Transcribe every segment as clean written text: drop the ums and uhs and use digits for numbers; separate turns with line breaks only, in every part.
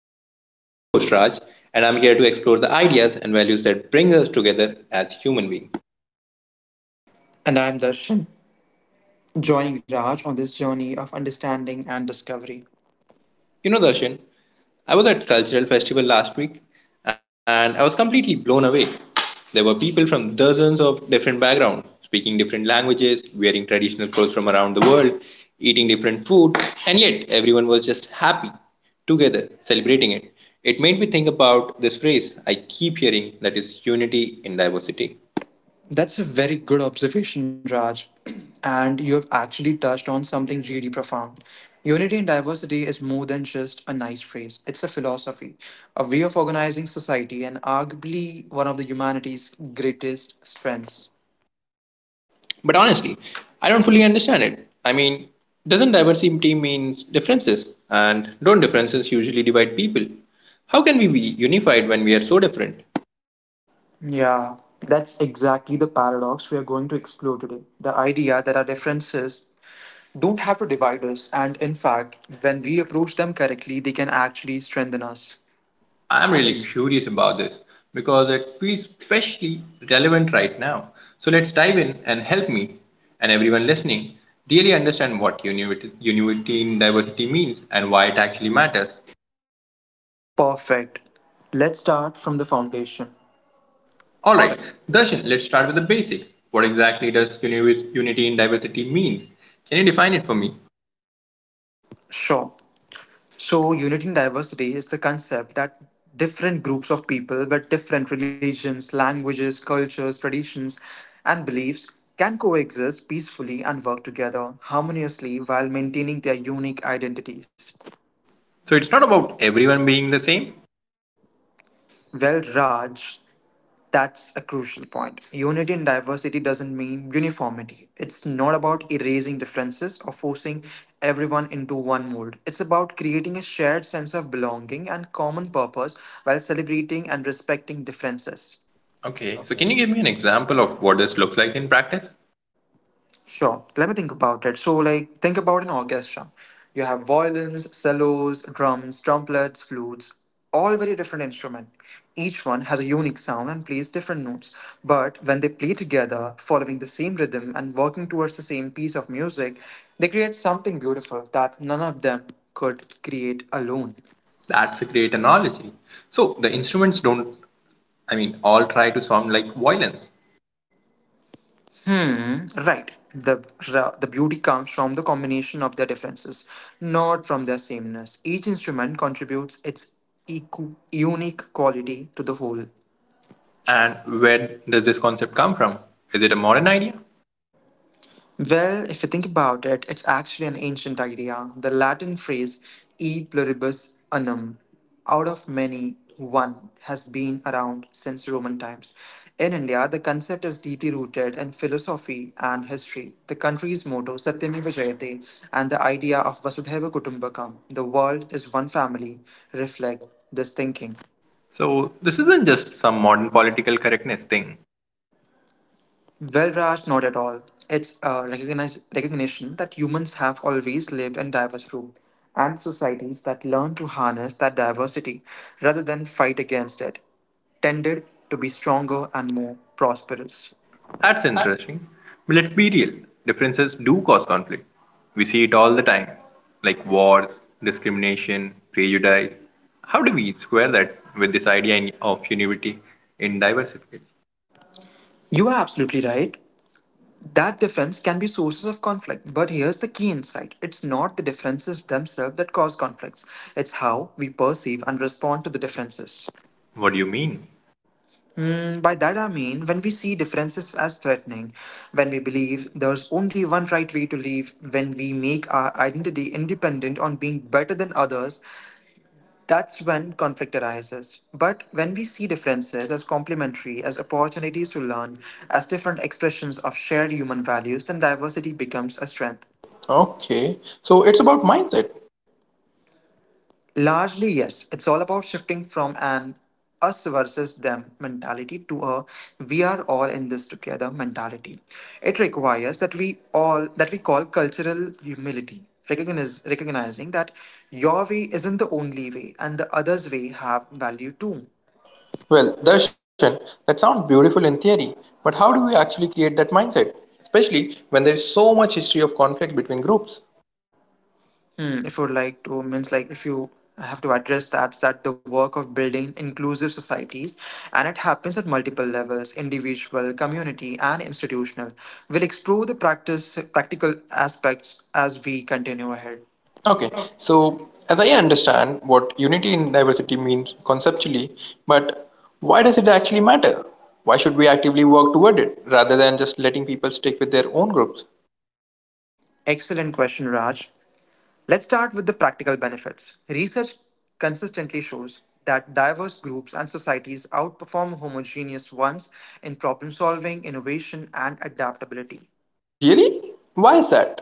Mosaic. I'm your host, Raj, and I'm here to explore the ideas and values that bring us together as human beings.
And I'm Darshan, joining Raj on this journey of understanding and discovery.
You know, Darshan, I was at cultural festival last week, and I was completely blown away. There were people from dozens of different backgrounds, speaking different languages, wearing traditional clothes from around the world, eating different food, and yet everyone was just happy together, celebrating it. It made me think about this phrase I keep hearing that is unity in diversity.
That's a very good observation, Raj. And you have actually touched on something really profound. Unity in diversity is more than just a nice phrase, it's a philosophy, a way of organizing society, and arguably one of the humanity's greatest strengths.
But honestly, I don't fully understand it. Doesn't diversity means differences? And don't differences usually divide people? How can we be unified when we are so different?
Yeah, that's exactly the paradox we are going to explore today. The idea that our differences don't have to divide us. And in fact, when we approach them correctly, they can actually strengthen us.
I'm really
Agree.
curious about this because it feels especially relevant right now. So let's dive in and help me and everyone listening really understand what unity in diversity means and why it actually matters.
Perfect. Let's start from the foundation.
All right, Darshan, let's start with the basics. What exactly does unity in diversity mean? Can you define it for me?
Sure. So, unity and diversity is the concept that different groups of people with different religions, languages, cultures, traditions, and beliefs can coexist peacefully and work together harmoniously while maintaining their unique identities.
So it's not about everyone being the same.
Well, Raj, that's a crucial point. Unity in diversity doesn't mean uniformity. It's not about erasing differences or forcing everyone into one mold. It's about creating a shared sense of belonging and common purpose while celebrating and respecting differences.
Okay, so
Okay.
can you give me an example of what this looks like in practice?
Sure. Let me think about it. So, like, think about an orchestra. You have violins, cellos, drums, trumpets, flutes, all very different instruments. Each one has a unique sound and plays different notes. But when they play together, following the same rhythm and working towards the same piece of music, they create something beautiful that none of them could create alone.
That's a great analogy. So the instruments don't, all try to sound like violins.
Hmm, right. The beauty comes from the combination of their differences, not from their sameness. Each instrument contributes its unique quality to the whole.
And where does this concept come from? Is it a modern idea?
Well, if you think about it, it's actually an ancient idea. The Latin phrase e pluribus unum, out of many, one, has been around since Roman times. In India, the concept is deeply rooted in philosophy and history. The country's motto, Satyameva Jayate, and the idea of Vasudhaiva Kutumbakam, the world is one family, reflect this thinking.
So this isn't just some modern political correctness thing.
Well, Raj, not at all. It's a recognition that humans have always lived in diverse groups, and societies that learn to harness that diversity rather than fight against it, tended to be stronger and more prosperous.
That's interesting. But let's be real, differences do cause conflict. We see it all the time, like wars, discrimination, prejudice. How do we square that with this idea of unity in diversity?
You are absolutely right. That difference can be sources of conflict, but here's the key insight. It's not the differences themselves that cause conflicts. It's how we perceive and respond to the differences.
What do you mean?
By that I mean when we see differences as threatening, when we believe there's only one right way to live, when we make our identity independent on being better than others, that's when conflict arises. But when we see differences as complementary, as opportunities to learn, as different expressions of shared human values, then diversity becomes a strength.
Okay, so it's about mindset.
Largely, yes. It's all about shifting from an us versus them mentality to a we are all in this together mentality. It requires that we all that we call cultural humility, recognizing that your way isn't the only way and the other's way have value too.
Well, Darshan, that sounds beautiful in theory, but how do we actually create that mindset? Especially when there is so much history of conflict between groups.
Hmm, if you would like to means like if you have to address that the work of building inclusive societies, and it happens at multiple levels: individual, community, and institutional. We'll explore the practice practical aspects as we continue ahead.
Okay, so as I understand what unity in diversity means conceptually, but why does it actually matter? Why should we actively work toward it rather than just letting people stick with their own groups?
Excellent question, Raj. Let's start with the practical benefits. Research consistently shows that diverse groups and societies outperform homogeneous ones in problem solving, innovation, and adaptability.
Really? Why is that?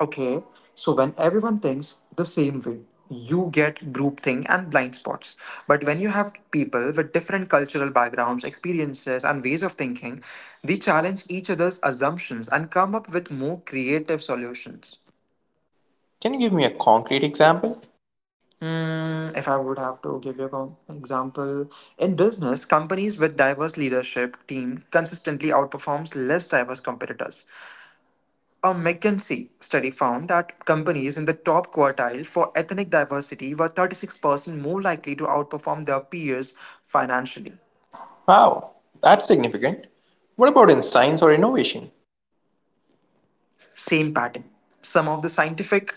Okay, so when everyone thinks the same way, you get groupthink and blind spots. But when you have people with different cultural backgrounds, experiences, and ways of thinking, they challenge each other's assumptions and come up with more creative solutions.
Can you give me a concrete example?
Hmm, if I would have to give you an example, in business, companies with diverse leadership team consistently outperforms less diverse competitors. A McKinsey study found that companies in the top quartile for ethnic diversity were 36% more likely to outperform their peers financially.
Wow, that's significant. What about in science or innovation?
Same pattern. Some of the scientific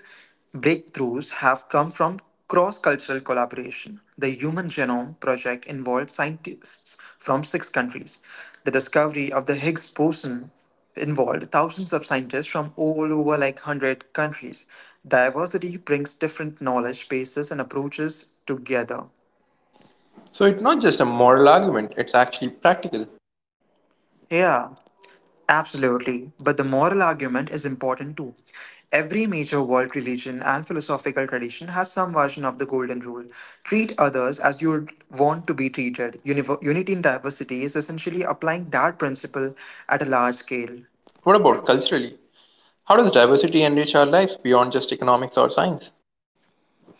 breakthroughs have come from cross cultural collaboration. The Human Genome Project involved scientists from six countries. The discovery of the Higgs boson involved thousands of scientists from all over, like 100 countries. Diversity brings different knowledge bases and approaches together.
So it's not just a moral argument, it's actually practical.
Yeah. Absolutely. But the moral argument is important too. Every major world religion and philosophical tradition has some version of the golden rule: treat others as you would want to be treated. Unity in diversity is essentially applying that principle at a large scale.
What
What?
about culturally? How does diversity enrich our lives beyond just economics or science?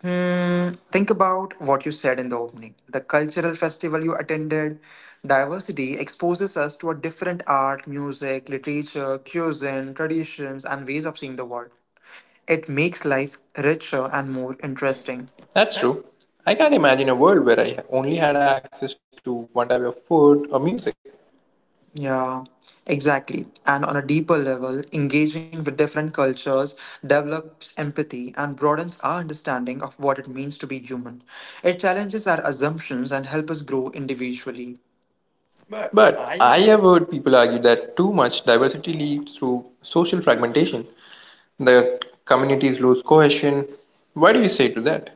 Hmm, think about what you said in the opening. The cultural festival you attended, diversity exposes us to a different art, music, literature, cuisine, traditions, and ways of seeing the world. It makes life richer and more interesting.
That's true. I can't imagine a world where I only had access to one type of food or music.
Yeah, exactly. And on a deeper level, engaging with different cultures develops empathy and broadens our understanding of what it means to be human. It challenges our assumptions and helps us grow individually. But
But
I—
I have heard people argue that too much diversity leads to social fragmentation, that communities lose cohesion. What do you say to that?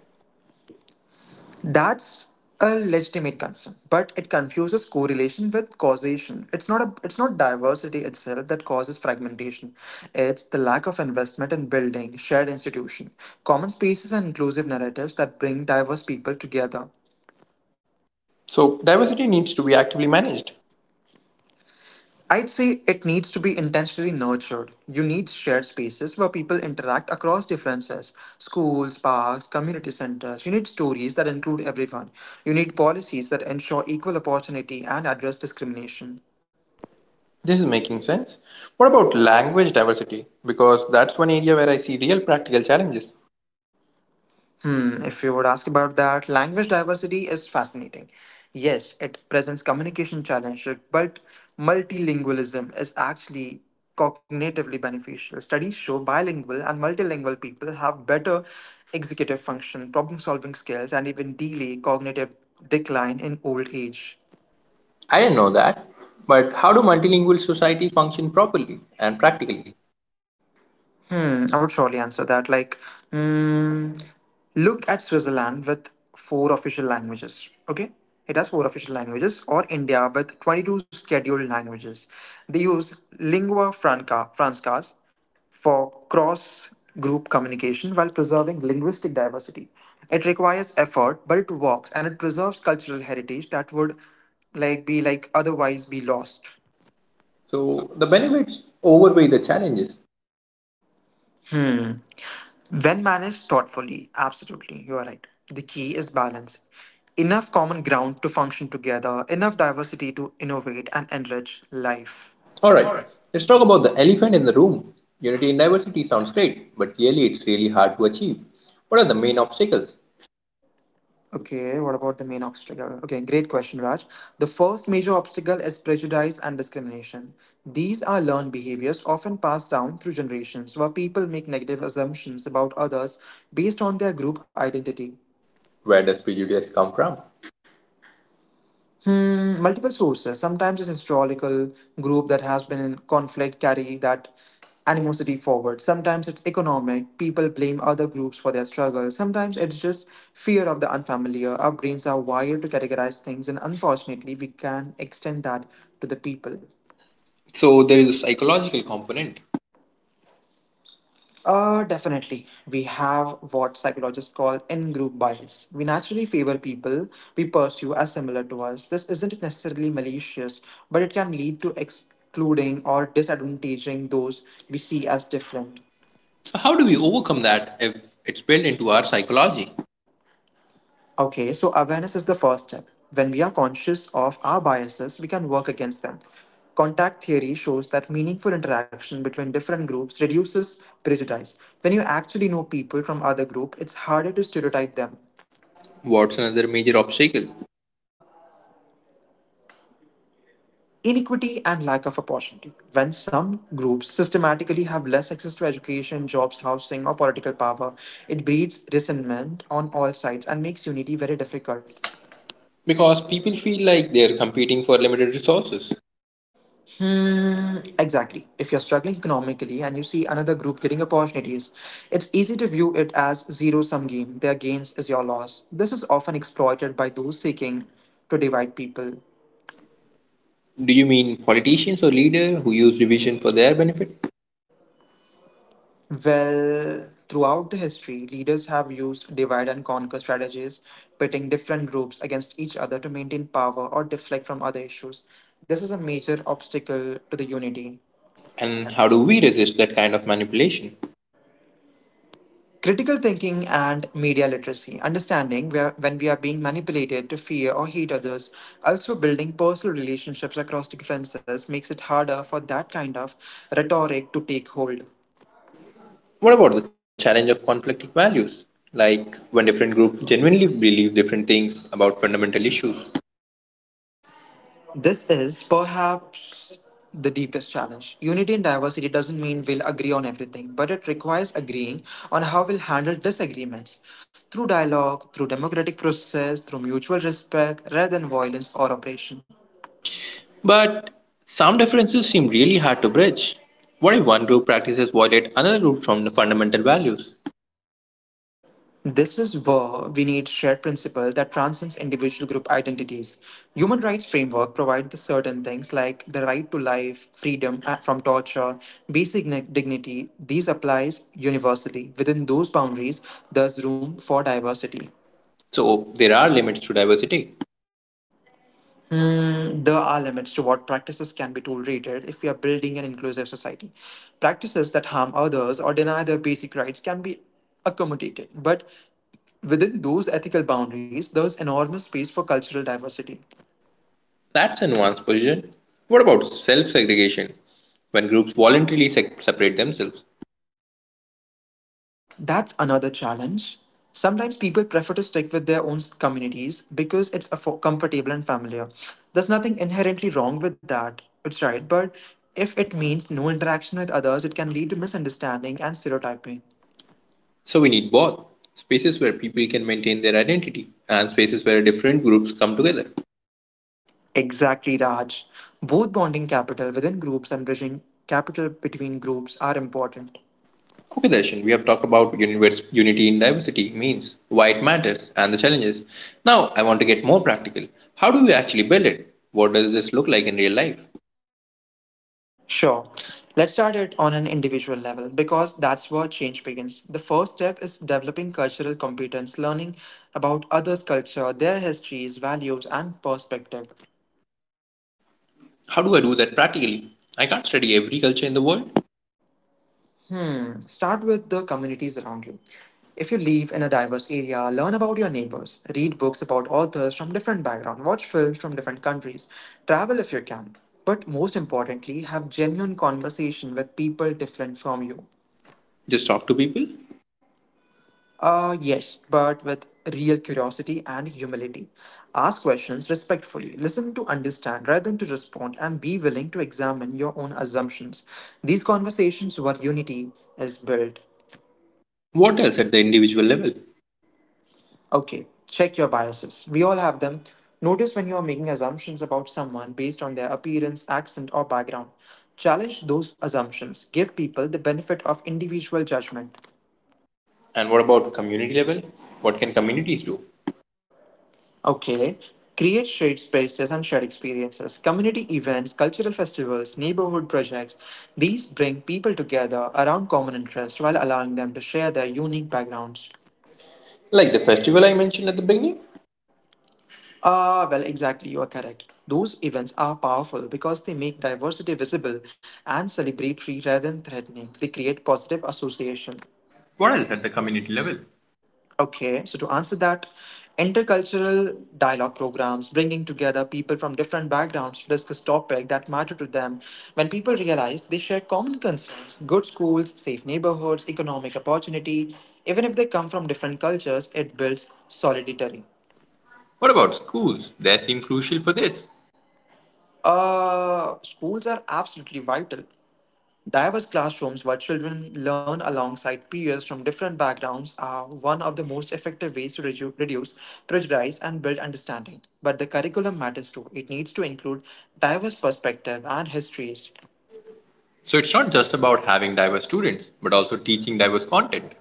that's a legitimate concern, but it confuses correlation with causation. It's not diversity itself that causes fragmentation. It's the lack of investment in building shared institution, common spaces and inclusive narratives that bring diverse people together.
So, diversity needs to be actively managed.
I'd say it needs to be intentionally nurtured. You need shared spaces where people interact across differences: schools, parks, community centers. You need stories that include everyone. You need policies that ensure equal opportunity and address discrimination.
This is making sense. What about language diversity? Because that's one area where I see real practical challenges.
Hmm, if you would ask about that, language diversity is fascinating. Yes, it presents communication challenges, but multilingualism is actually cognitively beneficial. Studies show bilingual and multilingual people have better executive function, problem solving skills, and even delay cognitive decline in old age.
I didn't know that. But how do multilingual societies function properly and
And
practically?
practically, hmm, I would surely answer that. Like, hmm, look at Switzerland with four official languages. Okay, it has four official languages, or India with 22 scheduled languages. They use francas for cross group communication while preserving linguistic diversity. It requires effort, but it works and it preserves cultural heritage that would like be like otherwise be lost.
So the benefits overweigh the challenges.
Hmm. When managed thoughtfully, absolutely, you are right. The key is balance. Enough common ground to function together, enough diversity to innovate and enrich life.
All right,
All right.
let's talk about the elephant in the room. Unity in diversity sounds great, but really it's really hard to achieve. What are the main obstacles?
Okay, what about the main obstacle? Okay, great question, Raj. The first major obstacle is prejudice and discrimination. These are learned behaviors often passed down through generations where people make negative assumptions about others based on their group identity.
Where does prejudice come from?
Hmm, multiple sources. Sometimes it's historical: group that has been in conflict carry that animosity forward. Sometimes it's economic. People blame other groups for their struggle. Sometimes it's just fear of the unfamiliar. Our brains are wired to categorize things, and unfortunately, we can extend that to the people.
So there is a psychological component.
Definitely. We have what psychologists call in group bias. We naturally favor people we pursue as similar to us. This isn't necessarily malicious, but it can lead to excluding or disadvantaging those we see as different.
So how do we overcome that if it's built into our psychology?
Okay, so awareness is the first step. When we are conscious of our biases, we can work against them. Contact theory shows that meaningful interaction between different groups reduces prejudice. When you actually know people from other group, it's harder to stereotype them.
What's another major obstacle?
Inequity and lack of opportunity. When some groups systematically have less access to education, jobs, housing, or political power, it breeds resentment on all sides and makes unity very difficult.
Because people feel like they are competing for limited resources.
Hmm, exactly. If you're struggling economically and you see another group getting opportunities, it's easy to view it as zero sum game. Their gains is your loss. This is often exploited by those seeking to divide people.
Do you mean politicians or leaders who use division for their benefit?
Well, throughout the history, leaders have used divide and conquer strategies, pitting different groups against each other to maintain power or deflect from other issues. This is a major obstacle to the unity.
And how do we resist that kind of manipulation?
Critical thinking and media literacy, understanding where, when we are being manipulated to fear or hate others, also building personal relationships across differences makes it harder for that kind of rhetoric to take hold.
What about the challenge of conflicting values? Like when different groups genuinely believe different things about fundamental issues.
This is perhaps the deepest challenge. Unity in diversity doesn't mean we'll agree on everything, but it requires agreeing on how we'll handle disagreements through dialogue, through democratic process, through mutual respect, rather than violence or oppression.
But some differences seem really hard to bridge. What if one group practices violate another group from the fundamental values?
This is where we need shared principle that transcends individual group identities. Human rights framework provide the certain things like the right to life, freedom from torture, basic dignity. These applies universally. Within those boundaries, there's room for diversity.
So there are limits to diversity.
Hmm, there are limits to what practices can be tolerated if we are building an inclusive society. Practices that harm others or deny their basic rights can be accommodated, but within those ethical boundaries, there's enormous space for cultural diversity.
That's a nuanced position. What about self segregation? When groups voluntarily separate themselves.
That's another challenge. Sometimes people prefer to stick with their own communities because it's comfortable and familiar. There's nothing inherently wrong with that. It's right, but if it means no interaction with others, it can lead to misunderstanding and stereotyping.
So we need both spaces where people can maintain their identity and spaces where different groups come together.
Exactly, Raj. Both bonding capital within groups and bridging capital between groups are important.
Okay, Darshan, we have talked about unity in diversity means, why it matters, and the challenges. Now, I want to get more practical. How do we actually build it? What does this look like in real life?
Sure. Let's start it on an individual level because that's where change begins. The first step is developing cultural competence, learning about others' culture, their histories, values, and perspective.
How do I do that practically? I can't study every culture in the world.
Hmm. Start with the communities around you. If you live in a diverse area, learn about your neighbors, read books about authors from different backgrounds, watch films from different countries, travel if you can, but most importantly, have genuine conversation with people different from you.
Just talk to people.
Yes, but with real curiosity and humility. Ask questions respectfully, listen to understand rather than to respond, and be willing to examine your own assumptions. These conversations where unity is built.
What else at the individual level?
Okay, check your biases. We all have them. Notice when you are making assumptions about someone based on their appearance, accent, or background. Challenge those assumptions. Give people the benefit of individual judgment.
And what about community level? What can communities do?
Okay. Create shared spaces and shared experiences. Community events, cultural festivals, neighborhood projects. These bring people together around common interests while allowing them to share their unique backgrounds.
Like the festival I mentioned at the beginning?
Ah, well, exactly, you are correct. Those events are powerful because they make diversity visible and celebratory rather than threatening. They create positive associations.
What else at the community level?
Okay, so to answer that, intercultural dialogue programs bringing together people from different backgrounds to discuss topics that matter to them. When people realize they share common concerns, good schools, safe neighborhoods, economic opportunity, even if they come from different cultures, it builds solidarity.
What about schools? They seem crucial for this.
Schools are absolutely vital. Diverse classrooms where children learn alongside peers from different backgrounds are one of the most effective ways to reduce prejudice and build understanding. But the curriculum matters too. It needs to include diverse perspectives and histories.
So it's not just about having diverse students, but also teaching diverse content.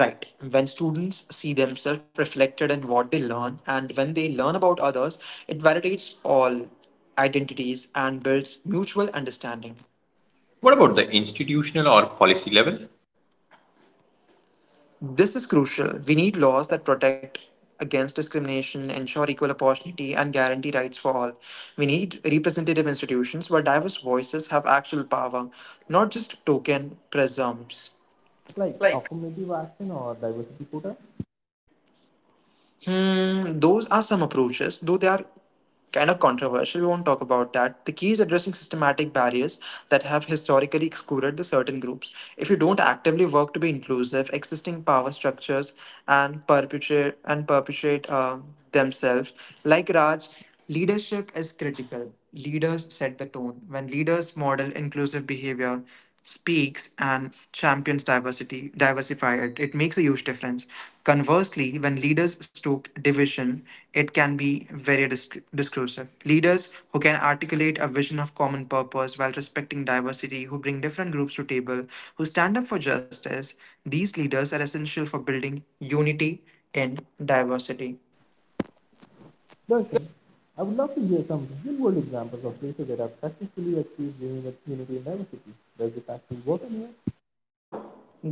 Right. When students see themselves reflected in what they learn and when they learn about others, it validates all identities and builds mutual understanding.
What about the institutional or policy level?
This is crucial. We need laws that protect against discrimination, ensure equal opportunity, and guarantee rights for all. We need representative institutions where diverse voices have actual power, not just token presumpts.
Like
Like
affirmative action or diversity quota?
Hmm, those are some approaches, though they are kind of controversial. We won't talk about that. The key is addressing systematic barriers that have historically excluded the certain groups. If you don't actively work to be inclusive, existing power structures and perpetuate and perpetuate themselves. Like Raj, leadership is critical. Leaders set the tone. When leaders model inclusive behavior, speaks and champions diversity diversify it makes a huge difference. Conversely, when leaders stoke division, it can be very discursive. Leaders who can articulate a vision of common purpose while respecting diversity, who bring different groups to table, who stand up for justice, these leaders are essential for building unity in diversity.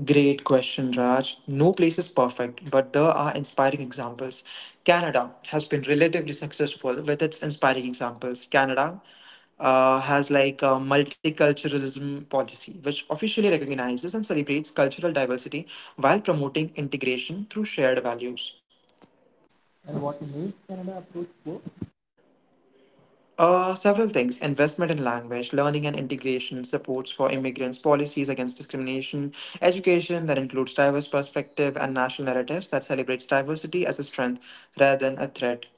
Great question, Raj. No place is perfect, but there are inspiring examples. Canada has been relatively successful with its inspiring examples. Canada has like a multiculturalism policy, which officially recognizes and celebrates cultural diversity while promoting integration through shared values. Several things: investment in language, learning and integration, supports for immigrants, policies against discrimination, education that includes diverse perspective, and national narratives that celebrates diversity as a strength rather than a threat.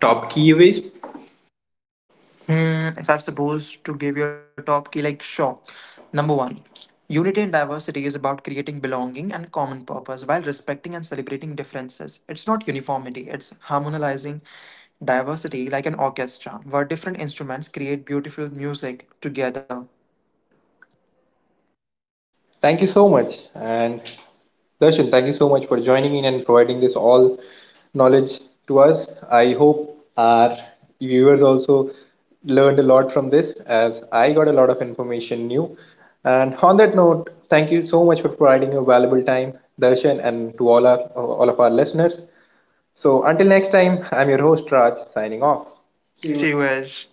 Top key ways.
Hmm, if I'm supposed to give you a top key, like sure. Number one, unity and diversity is about creating belonging and common purpose while respecting and celebrating differences. It's not uniformity, it's harmonizing diversity like an orchestra where different instruments create beautiful music together. See you guys.